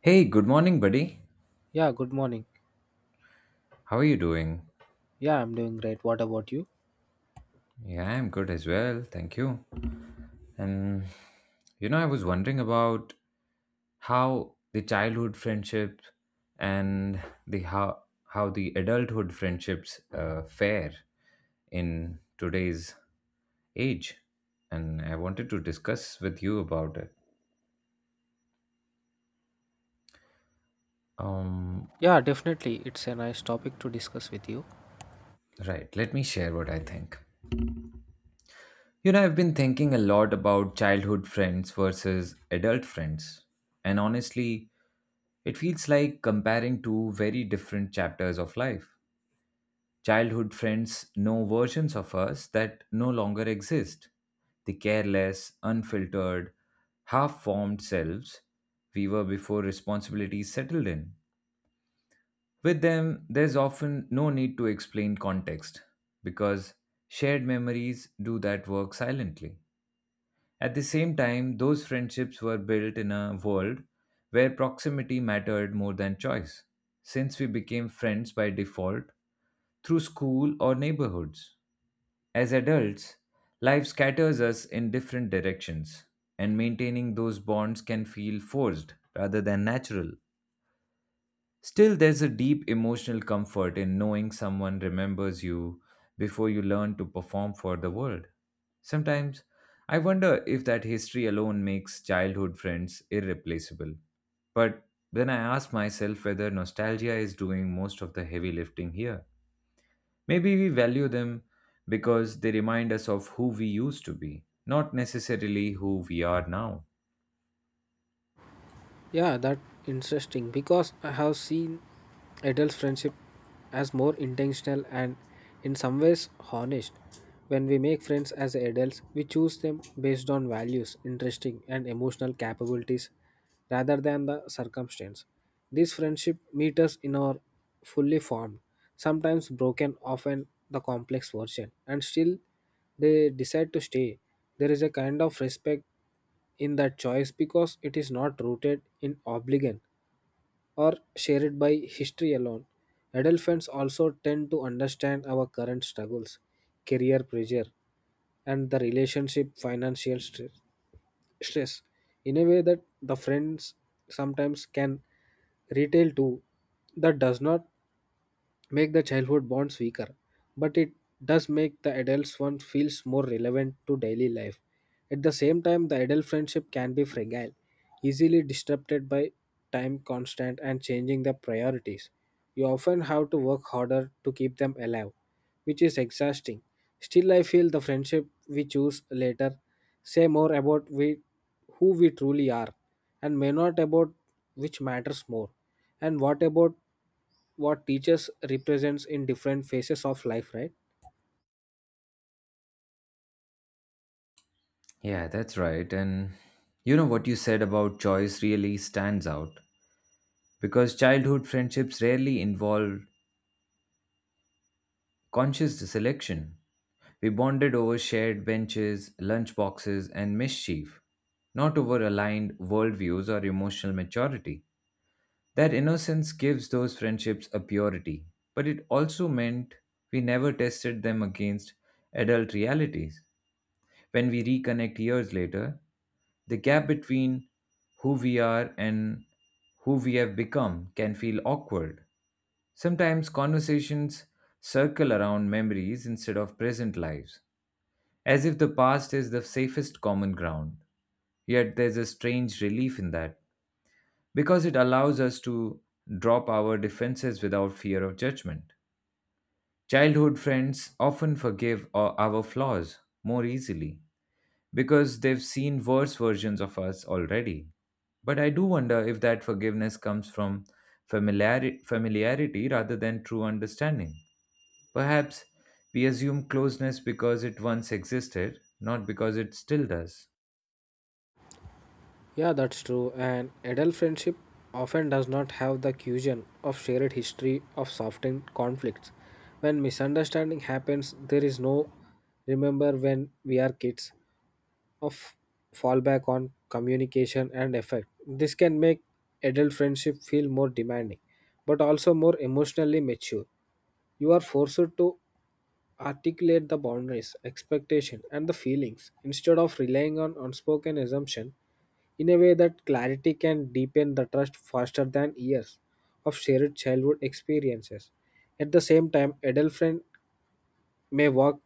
Hey, good morning, buddy. Yeah, good morning. How are you doing? Yeah, I'm doing great. What about you? Yeah, I'm good as well. Thank you. And you know, I was wondering about how the childhood friendship and the how the adulthood friendships fare in today's age, and I wanted to discuss with you about it. Um, Yeah, definitely. It's a nice topic to discuss with you. right. Let me share what I think. You know, I've been thinking a lot about childhood friends versus adult friends. And honestly, it feels like comparing two very different chapters of life. Childhood friends know versions of us that no longer exist the careless, unfiltered, half formed selves we were before responsibilities settled in. With them, there's often no need to explain context because shared memories do that work silently. At the same time, those friendships were built in a world where proximity mattered more than choice, since we became friends by default through school or neighborhoods. As adults, life scatters us in different directions, and maintaining those bonds can feel forced rather than natural. Still, there's a deep emotional comfort in knowing someone remembers you before you learn to perform for the world. Sometimes, I wonder if that history alone makes childhood friends irreplaceable. But then I ask myself whether nostalgia is doing most of the heavy lifting here. Maybe we value them because they remind us of who we used to be, not necessarily who we are now. Yeah, that interesting because I have seen adult friendship as more intentional and in some ways honest. When we make friends as adults, we choose them based on values, interesting and emotional capabilities rather than the circumstance. These friendship meet us in our fully formed, sometimes broken, often the complex version, and still they decide to stay. There is a kind of respect in that choice because it is not rooted in obligation or shared by history alone. Adolescents also tend to understand our current struggles, career pressure, and the relationship financial stress in a way that the friends sometimes can retail to that does not make the childhood bonds weaker, but it does make the adults one feels more relevant to daily life. At the same time, the adult friendship can be fragile, easily disrupted by time constant and changing the priorities. You often have to work harder to keep them alive, which is exhausting. Still, I feel the friendship we choose later say more about we, who we truly are and may not about which matters more and what about what teachers represents in different phases of life, right? Yeah, that's right. And you know what you said about choice really stands out because childhood friendships rarely involved conscious selection. We bonded over shared benches, lunchboxes, and mischief, not over aligned worldviews or emotional maturity. That innocence gives those friendships a purity, but it also meant we never tested them against adult realities. When we reconnect years later, the gap between who we are and who we have become can feel awkward. Sometimes conversations circle around memories instead of present lives, as if the past is the safest common ground. Yet there's a strange relief in that, because it allows us to drop our defenses without fear of judgment. Childhood friends often forgive our flaws more easily because they've seen worse versions of us already. But I do wonder if that forgiveness comes from familiarity rather than true understanding. Perhaps we assume closeness because it once existed, not because it still does. Yeah, that's true. And adult friendship often does not have the cushion of shared history of softened conflicts. When misunderstanding happens there is no remember when we are kids of fallback on communication and effect. This can make adult friendship feel more demanding but also more emotionally mature. You are forced to articulate the boundaries, expectation, and the feelings instead of relying on unspoken assumption. In a way that clarity can deepen the trust faster than years of shared childhood experiences. At the same time, adult friend may walk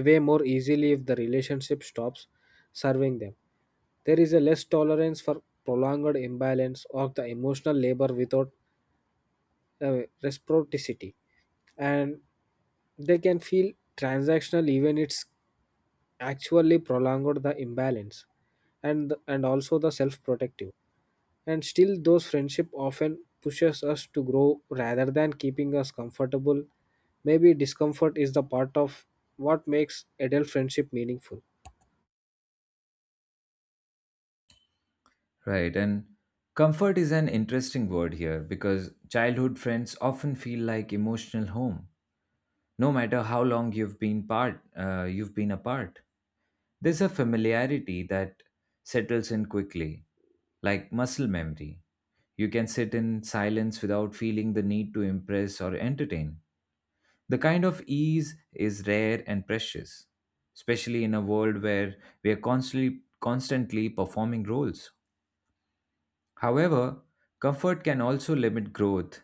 away more easily if the relationship stops serving them. There is a less tolerance for prolonged imbalance or the emotional labor without reciprocity, and they can feel transactional even it's actually prolonged the imbalance and also the self protective. And still those friendship often pushes us to grow rather than keeping us comfortable. Maybe discomfort is the part of what makes adult friendship meaningful. Right, and comfort is an interesting word here because childhood friends often feel like emotional home, no matter how long you've been apart. There's a familiarity that settles in quickly, like muscle memory. You can sit in silence without feeling the need to impress or entertain. The kind of ease is rare and precious, especially in a world where we are constantly performing roles. However, comfort can also limit growth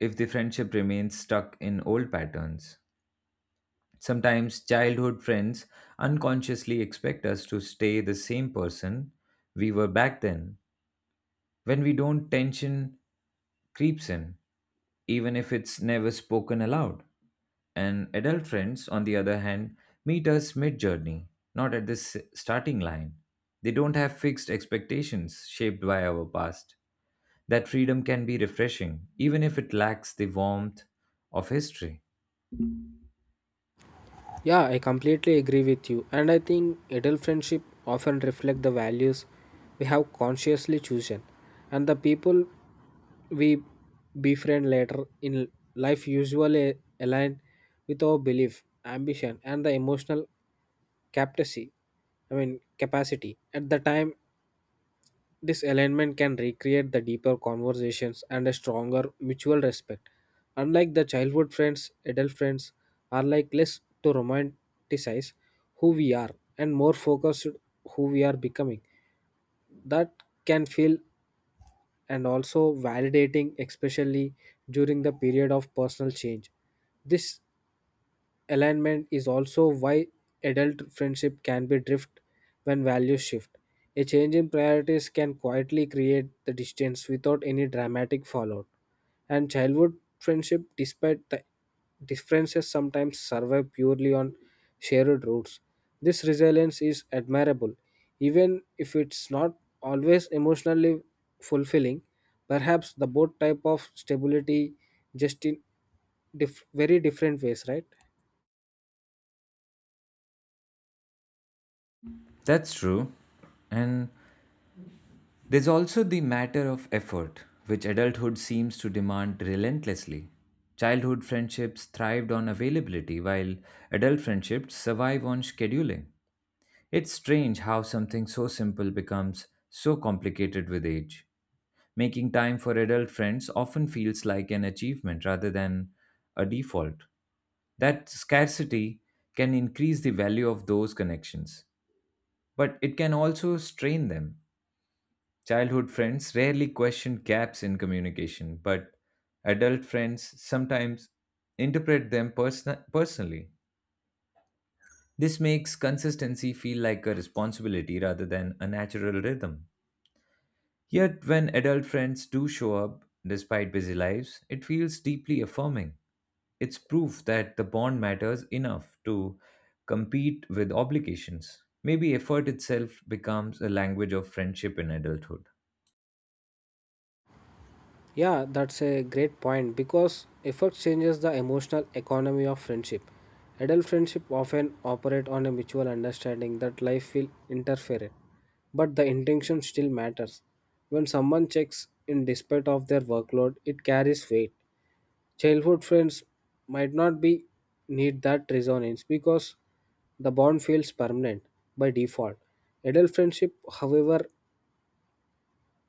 if the friendship remains stuck in old patterns. Sometimes childhood friends unconsciously expect us to stay the same person we were back then. When we don't, tension creeps in, even if it's never spoken aloud. And adult friends, on the other hand, meet us mid journey, not at this starting line. They don't have fixed expectations shaped by our past. That freedom can be refreshing, even if it lacks the warmth of history. Yeah, I completely agree with you. And I think adult friendship often reflect the values we have consciously chosen. And the people we befriend later in life usually align with our belief, ambition, and the emotional capacity. I mean, capacity. At the time this alignment can recreate the deeper conversations and a stronger mutual respect. Unlike the childhood friends, adult friends are like less to romanticize who we are and more focused who we are becoming. That can feel and also validating, especially during the period of personal change. This alignment is also why adult friendship can be drift when values shift. A change in priorities can quietly create the distance without any dramatic fallout. And childhood friendship, despite the differences, sometimes survive purely on shared roots. This resilience is admirable, even if it's not always emotionally fulfilling. Perhaps the both type of stability just in very different ways, right? That's true. And there's also the matter of effort, which adulthood seems to demand relentlessly. Childhood friendships thrived on availability, while adult friendships survive on scheduling. It's strange how something so simple becomes so complicated with age. Making time for adult friends often feels like an achievement rather than a default. That scarcity can increase the value of those connections, but it can also strain them. Childhood friends rarely question gaps in communication, but adult friends sometimes interpret them personally. This makes consistency feel like a responsibility rather than a natural rhythm. Yet, when adult friends do show up despite busy lives, it feels deeply affirming. It's proof that the bond matters enough to compete with obligations. Maybe effort itself becomes a language of friendship in adulthood. Yeah, that's a great point because effort changes the emotional economy of friendship. Adult friendship often operate on a mutual understanding that life will interfere, but the intention still matters. When someone checks in despite of their workload, it carries weight. Childhood friends might not be need that resonance because the bond feels permanent by default. Adult friendship, however,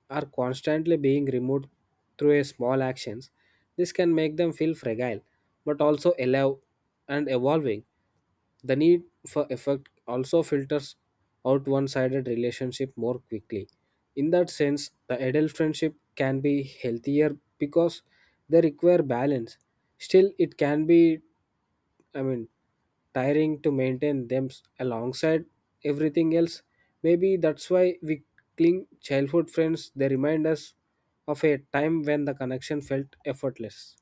are constantly being removed through a small actions. This can make them feel fragile but also alive and evolving. The need for effect also filters out one sided relationship more quickly. In that sense, the adult friendship can be healthier because they require balance. Still, it can be, I mean, tiring to maintain them alongside everything else. Maybe that's why we cling childhood friends. They remind us of a time when the connection felt effortless.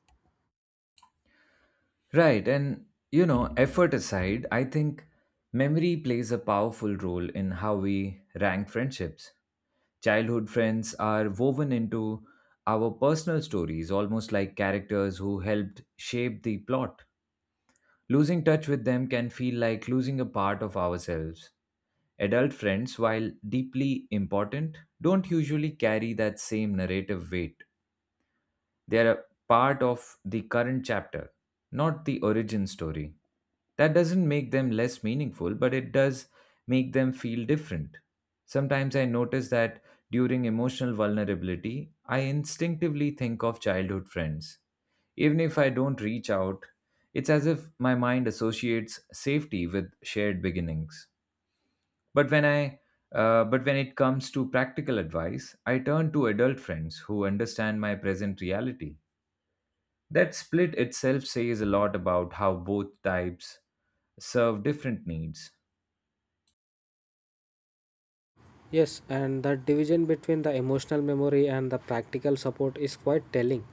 Right. And, you know, effort aside, I think memory plays a powerful role in how we rank friendships. Childhood friends are woven into our personal stories, almost like characters who helped shape the plot. Losing touch with them can feel like losing a part of ourselves. Adult friends, while deeply important, don't usually carry that same narrative weight. They are a part of the current chapter, not the origin story. That doesn't make them less meaningful, but it does make them feel different. Sometimes I notice that during emotional vulnerability, I instinctively think of childhood friends. Even if I don't reach out, it's as if my mind associates safety with shared beginnings. But when I but when it comes to practical advice, I turn to adult friends who understand my present reality. That split itself says a lot about how both types serve different needs. Yes, and that division between the emotional memory and the practical support is quite telling.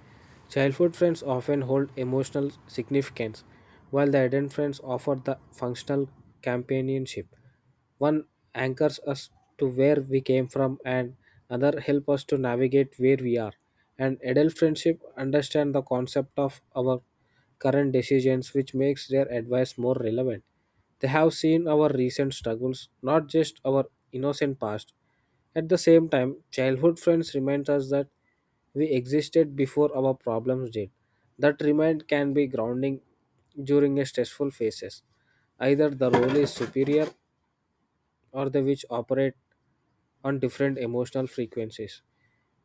Childhood friends often hold emotional significance, while the adult friends offer the functional companionship. One anchors us to where we came from, and another help us to navigate where we are. And adult friendship understand the concept of our current decisions, which makes their advice more relevant. They have seen our recent struggles, not just our innocent past. At the same time, childhood friends remind us that we existed before our problems did. That remind can be grounding during a stressful phases. Either the role is superior or the which operate on different emotional frequencies.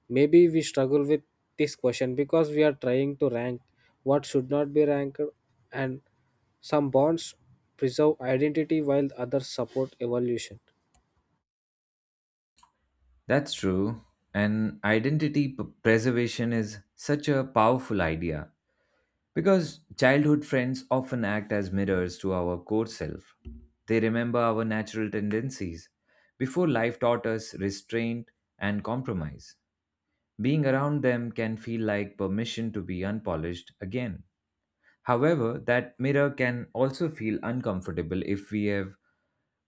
Maybe we struggle with this question because we are trying to rank what should not be ranked, and some bonds preserve identity while others support evolution. That's true. And identity preservation is such a powerful idea because childhood friends often act as mirrors to our core self. They remember our natural tendencies before life taught us restraint and compromise. Being around them can feel like permission to be unpolished again. However, that mirror can also feel uncomfortable if we have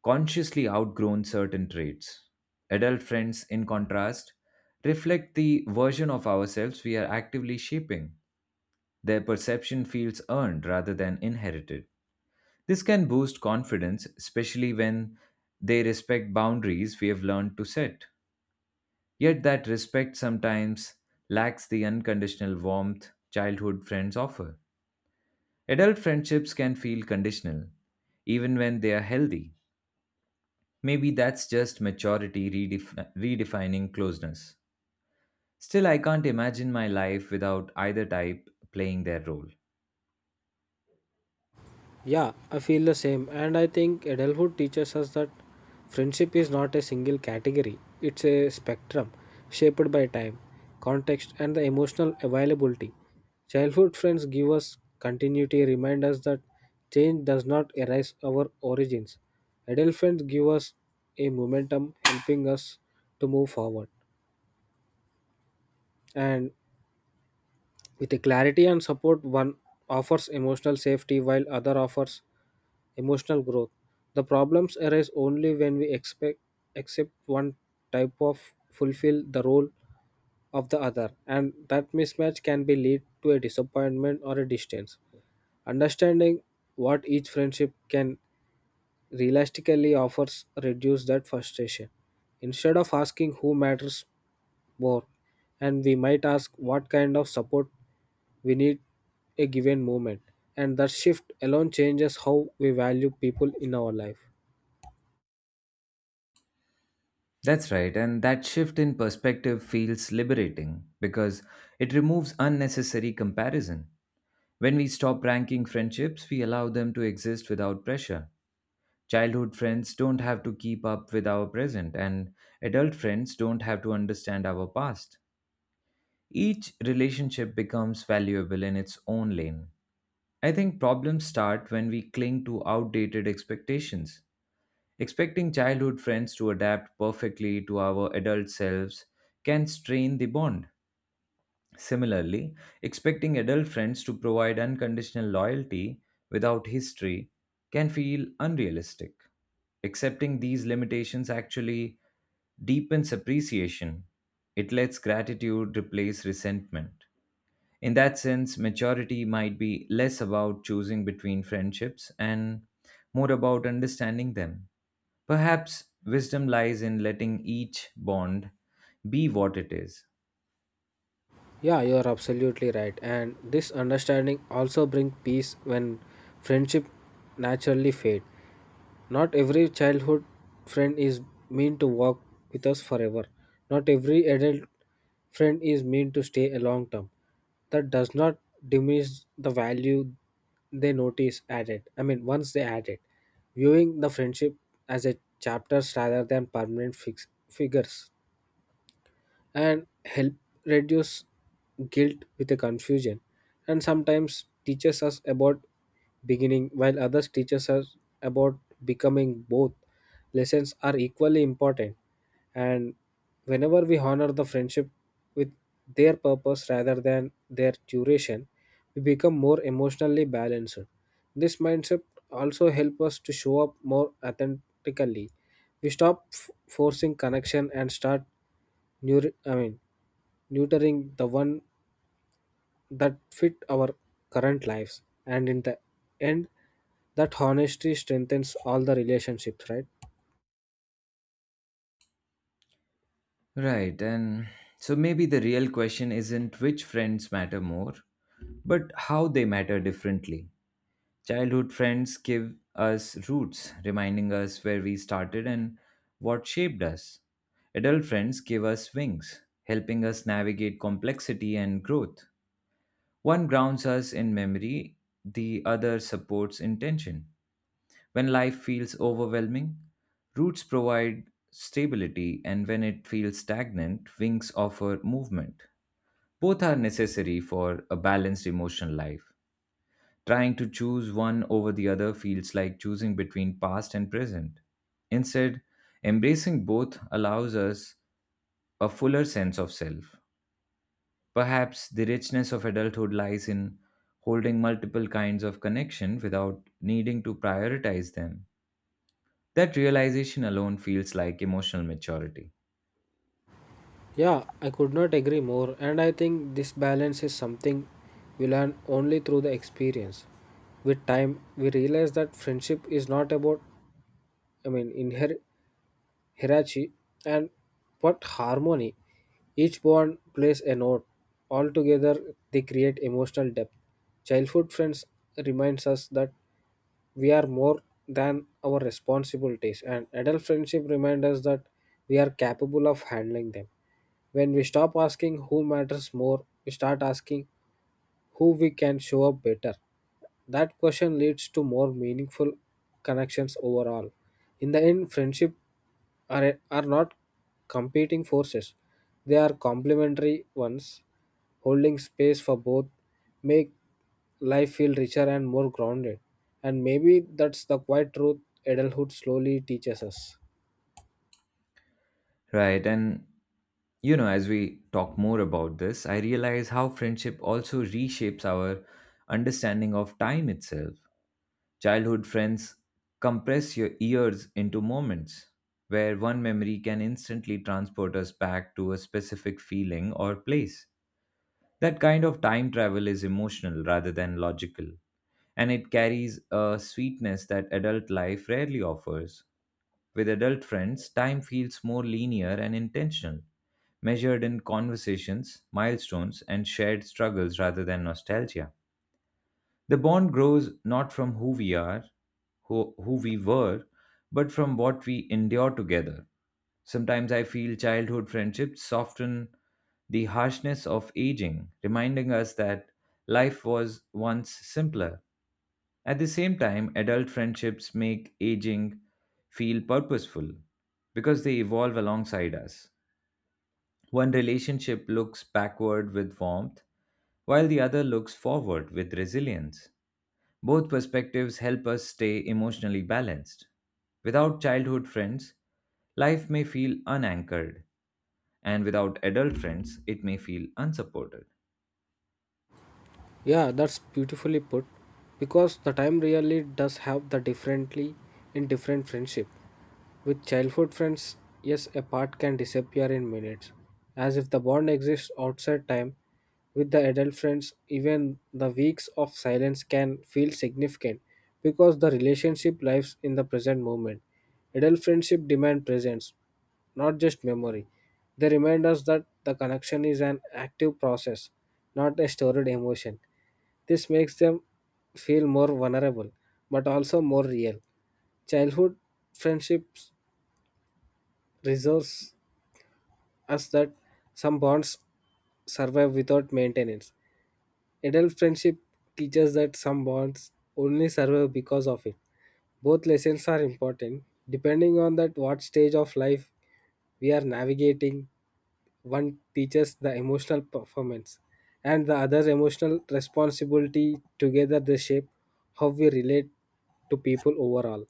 consciously outgrown certain traits. Adult friends, in contrast, reflect the version of ourselves we are actively shaping. Their perception feels earned rather than inherited. This can boost confidence, especially when they respect boundaries we have learned to set. Yet, that respect sometimes lacks the unconditional warmth childhood friends offer. Adult friendships can feel conditional, even when they are healthy. Maybe that's just maturity redefining closeness. Still, I can't imagine my life without either type playing their role. Yeah, I feel the same. And I think adulthood teaches us that friendship is not a single category, it's a spectrum shaped by time, context, and the emotional availability. Childhood friends give us continuity, remind us that change does not erase our origins. Adult friends give us a momentum, helping us to move forward. And with a clarity and support, one offers emotional safety while other offers emotional growth. The problems arise only when we expect accept one type of fulfill the role of the other, and that mismatch can be lead to a disappointment or a distance. Understanding what each friendship can realistically offers reduce that frustration. Instead of asking who matters more, and we might ask what kind of support we need a given moment, and that shift alone changes how we value people in our life. That's right, and that shift in perspective feels liberating because it removes unnecessary comparison. When we stop ranking friendships, we allow them to exist without pressure. Childhood friends don't have to keep up with our present, and adult friends don't have to understand our past. Each relationship becomes valuable in its own lane. I think problems start when we cling to outdated expectations. Expecting childhood friends to adapt perfectly to our adult selves can strain the bond. Similarly, expecting adult friends to provide unconditional loyalty without history can feel unrealistic. Accepting these limitations actually deepens appreciation. It lets gratitude replace resentment. In that sense, maturity might be less about choosing between friendships and more about understanding them. Perhaps wisdom lies in letting each bond be what it is. Yeah, you are absolutely right. And this understanding also brings peace when friendship naturally fade. Not every childhood friend is meant to walk with us forever. Not every adult friend is meant to stay a long term. That does not diminish the value they notice added. I mean, once they add it, viewing the friendship as a chapters rather than permanent figures and help reduce guilt with a confusion. And sometimes teaches us about beginning while others teaches us about becoming. Both lessons are equally important, and whenever we honor the friendship with their purpose rather than their duration we become more emotionally balanced. This mindset also help us to show up more authentically. We stop forcing connection and start new, I mean nurturing the one that fit our current lives. And in the end that honesty strengthens all the relationships, right? Right, and so maybe the real question isn't which friends matter more, but how they matter differently. Childhood friends give us roots, reminding us where we started and what shaped us. Adult friends give us wings, helping us navigate complexity and growth. One grounds us in memory, the other supports intention. When life feels overwhelming, roots provide stability, and when it feels stagnant, wings offer movement. Both are necessary for a balanced emotional life. Trying to choose one over the other feels like choosing between past and present. Instead, embracing both allows us a fuller sense of self. Perhaps the richness of adulthood lies in holding multiple kinds of connection without needing to prioritize them. That realization alone feels like emotional maturity. Yeah, I could not agree more. And I think this balance is something we learn only through the experience. With time we realize that friendship is not about, I mean inher hierarchy, and what harmony. Each bond plays a note. Altogether, they create emotional depth. Childhood friends reminds us that we are more than our responsibilities, and adult friendship reminds us that we are capable of handling them. When we stop asking who matters more, we start asking who we can show up better. That question leads to more meaningful connections overall. In the end, friendship are not competing forces, they are complementary ones. Holding space for both make life feel richer and more grounded. And maybe that's the quiet truth adulthood slowly teaches us. Right, and you know, as we talk more about this, I realize how friendship also reshapes our understanding of time itself. Childhood friends compress your years into moments where one memory can instantly transport us back to a specific feeling or place. That kind of time travel is emotional rather than logical, and it carries a sweetness that adult life rarely offers. With adult friends, time feels more linear and intentional, measured in conversations, milestones, and shared struggles rather than nostalgia. The bond grows not from who we were, but from what we endure together. Sometimes I feel childhood friendships soften the harshness of aging, reminding us that life was once simpler. At the same time, adult friendships make aging feel purposeful because they evolve alongside us. One relationship looks backward with warmth, while the other looks forward with resilience. Both perspectives help us stay emotionally balanced. Without childhood friends, life may feel unanchored, and without adult friends, it may feel unsupported. Yeah, that's beautifully put. Because the time really does have the differently in different friendship. With childhood friends, yes, a part can disappear in minutes, as if the bond exists outside time. With the adult friends, even the weeks of silence can feel significant because the relationship lives in the present moment. Adult friendship demand presence, not just memory. They remind us that the connection is an active process, not a stored emotion. This makes them feel more vulnerable, but also more real. Childhood friendships reserves us that some bonds survive without maintenance. Adult friendship teaches that some bonds only survive because of it. Both lessons are important. Depending on that what stage of life we are navigating, one teaches the emotional performance and the other emotional responsibility. Together they shape how we relate to people overall.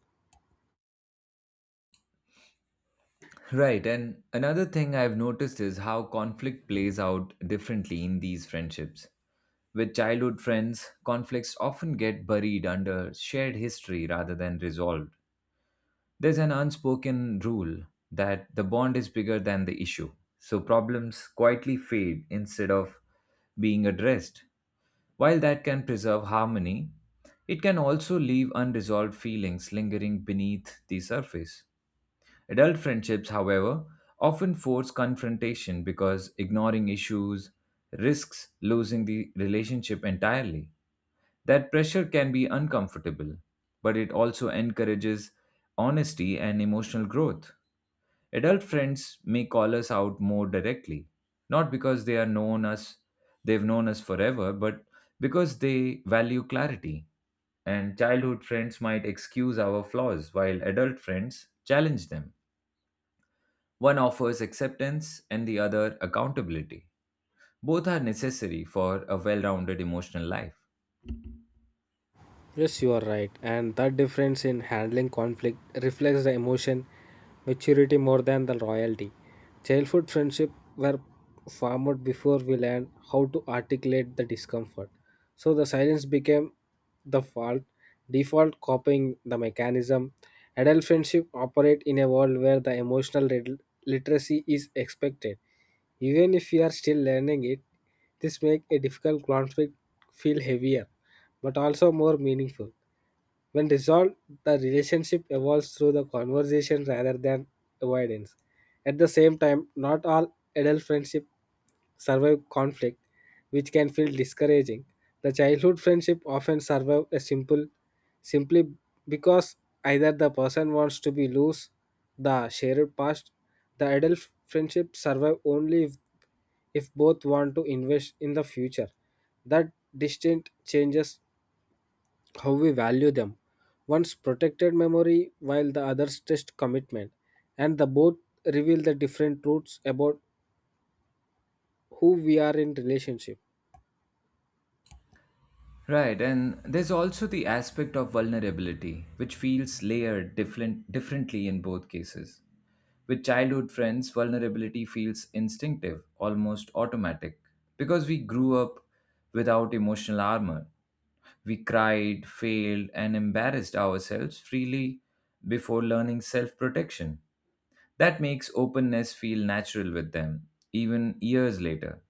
Right, and another thing I've noticed is how conflict plays out differently in these friendships. With childhood friends, conflicts often get buried under shared history rather than resolved. There's an unspoken rule that the bond is bigger than the issue, so problems quietly fade instead of being addressed. While that can preserve harmony, it can also leave unresolved feelings lingering beneath the surface. Adult friendships, however, often force confrontation because ignoring issues risks losing the relationship entirely. That pressure can be uncomfortable, but it also encourages honesty and emotional growth. Adult friends may call us out more directly, not because they've known us forever, but because they value clarity. And childhood friends might excuse our flaws while adult friends challenge them. One offers acceptance and the other accountability. Both are necessary for a well rounded emotional life. Yes, you are right. And that difference in handling conflict reflects the emotion maturity more than the loyalty. Childhood friendship were formed before we learned how to articulate the discomfort. So the silence became the fault, default copying the mechanism. Adult friendship operate in a world where the emotional literacy is expected. Even if we are still learning it, this makes a difficult conflict feel heavier but also more meaningful. When resolved, the relationship evolves through the conversation rather than avoidance. At the same time, not all adult friendships survive conflict, which can feel discouraging. The childhood friendship often survive a simple simply because either the person wants to be loose the shared past. The adult friendship survive only if both want to invest in the future. That distinct changes how we value them. One's protected memory while the other's test commitment, and the both reveal the different truths about who we are in relationship. Right, and there's also the aspect of vulnerability, which feels layered differently in both cases. With childhood friends, vulnerability feels instinctive, almost automatic, because we grew up without emotional armor. We cried, failed, and embarrassed ourselves freely before learning self protection. That makes openness feel natural with them, even years later.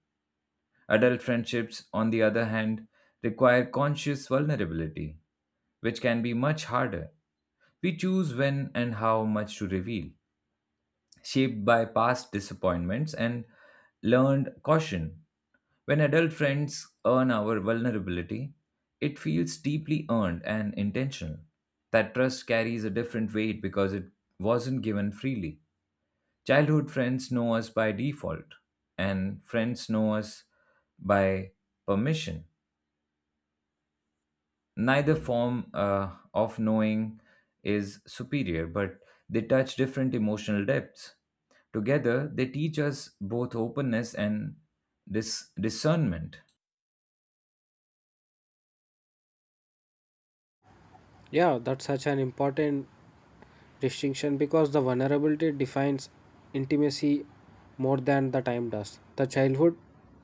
Adult friendships, on the other hand, require conscious vulnerability, which can be much harder. We choose when and how much to reveal, shaped by past disappointments and learned caution. When adult friends earn our vulnerability, it feels deeply earned and intentional. That trust carries a different weight because it wasn't given freely. Childhood friends know us by default, and friends know us by permission. Neither form of knowing is superior, but they touch different emotional depths. Together, they teach us both openness and discernment. Yeah, that's such an important distinction because the vulnerability defines intimacy more than the time does. The childhood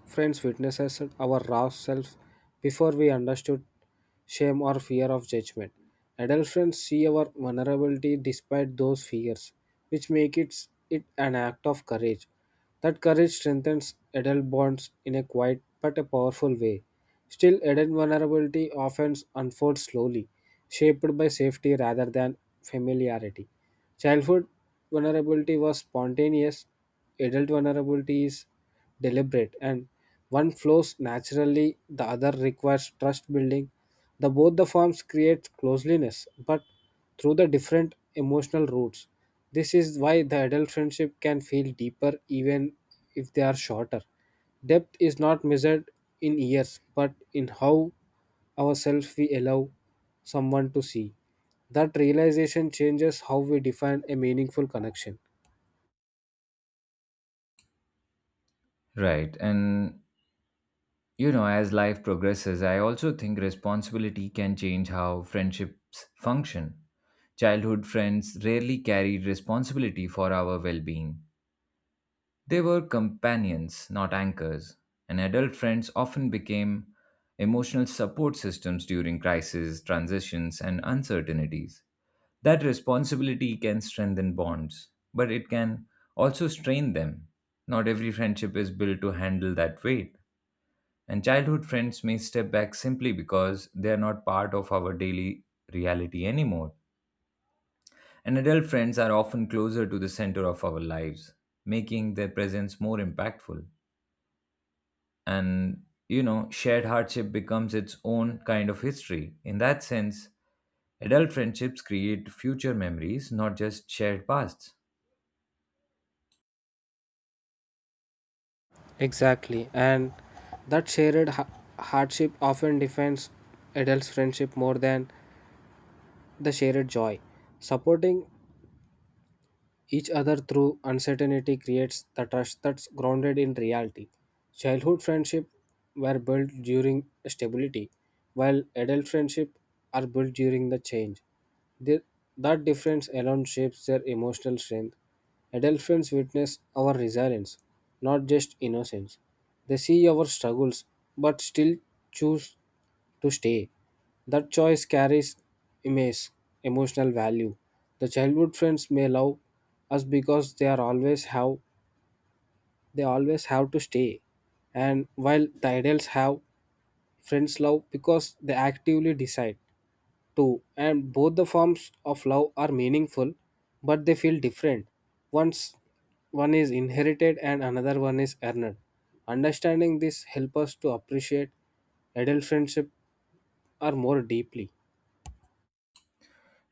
friends witnesses our raw self before we understood shame or fear of judgment. Adult friends see our vulnerability despite those fears, which makes it an act of courage. That courage strengthens adult bonds in a quiet but a powerful way. Still, adult vulnerability often unfolds slowly, shaped by safety rather than familiarity. Childhood vulnerability was spontaneous, adult vulnerability is deliberate, and one flows naturally, the other requires trust building. The both the forms create closeliness, but through the different emotional roots. This is why the adult friendship can feel deeper even if they are shorter. Depth is not measured in years, but in how ourselves we allow someone to see. That realization changes how we define a meaningful connection. Right. And, you know, as life progresses, I also think responsibility can change how friendships function. Childhood friends rarely carried responsibility for our well being. They were companions, not anchors, and adult friends often became emotional support systems during crises, transitions, and uncertainties. That responsibility can strengthen bonds, but it can also strain them. Not every friendship is built to handle that weight, and childhood friends may step back simply because they are not part of our daily reality anymore. And adult friends are often closer to the center of our lives, making their presence more impactful. And you know, shared hardship becomes its own kind of history. In that sense, adult friendships create future memories, not just shared pasts. Exactly, and that shared hardship often defines adults' friendship more than the shared joy. Supporting each other through uncertainty creates the trust that's grounded in reality. Childhood friendship were built during stability, while adult friendship are built during the change. The- that difference alone shapes their emotional strength. Adult friends witness our resilience, not just innocence. They see our struggles, but still choose to stay. That choice carries immense emotional value. The childhood friends may love us because they always have to stay. And while the adults have friends love because they actively decide to, and both the forms of love are meaningful but they feel different. Once one is inherited and another one is earned. Understanding this helps us to appreciate adult friendship are more deeply.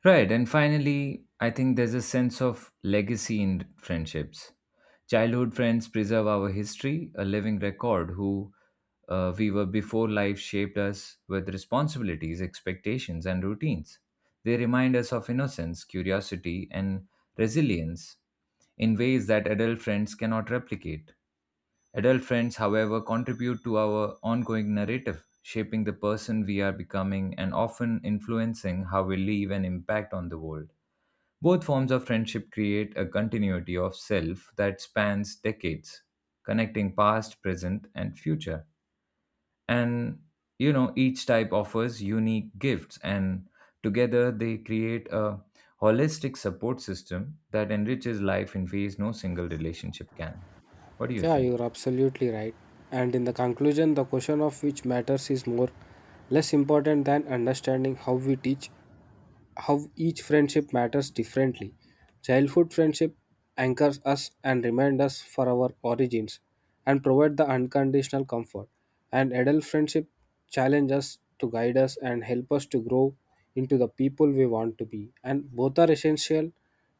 Right, and finally, I think there's a sense of legacy in friendships. Childhood friends preserve our history, a living record who we were before life shaped us with responsibilities, expectations, and routines. They remind us of innocence, curiosity, and resilience in ways that adult friends cannot replicate. Adult friends, however, contribute to our ongoing narrative, shaping the person we are becoming and often influencing how we live and impact on the world. Both forms of friendship create a continuity of self that spans decades, connecting past, present, and future. And you know, each type offers unique gifts, and together they create a holistic support system that enriches life in ways no single relationship can. What do you Yeah, think? you're absolutely right. And in the conclusion, the question of which matters is more less important than understanding how we teach how each friendship matters differently. Childhood friendship anchors us and reminds us for our origins and provide the unconditional comfort. And adult friendship challenge us to guide us and help us to grow into the people we want to be. And both are essential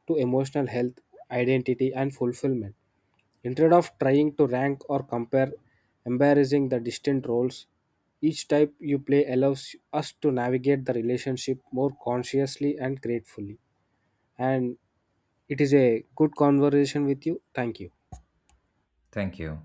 to emotional health, identity and fulfillment. Instead of trying to rank or compare, embarrassing the distant roles, each type you play allows us to navigate the relationship more consciously and gratefully. And it is a good conversation with you. Thank you. Thank you.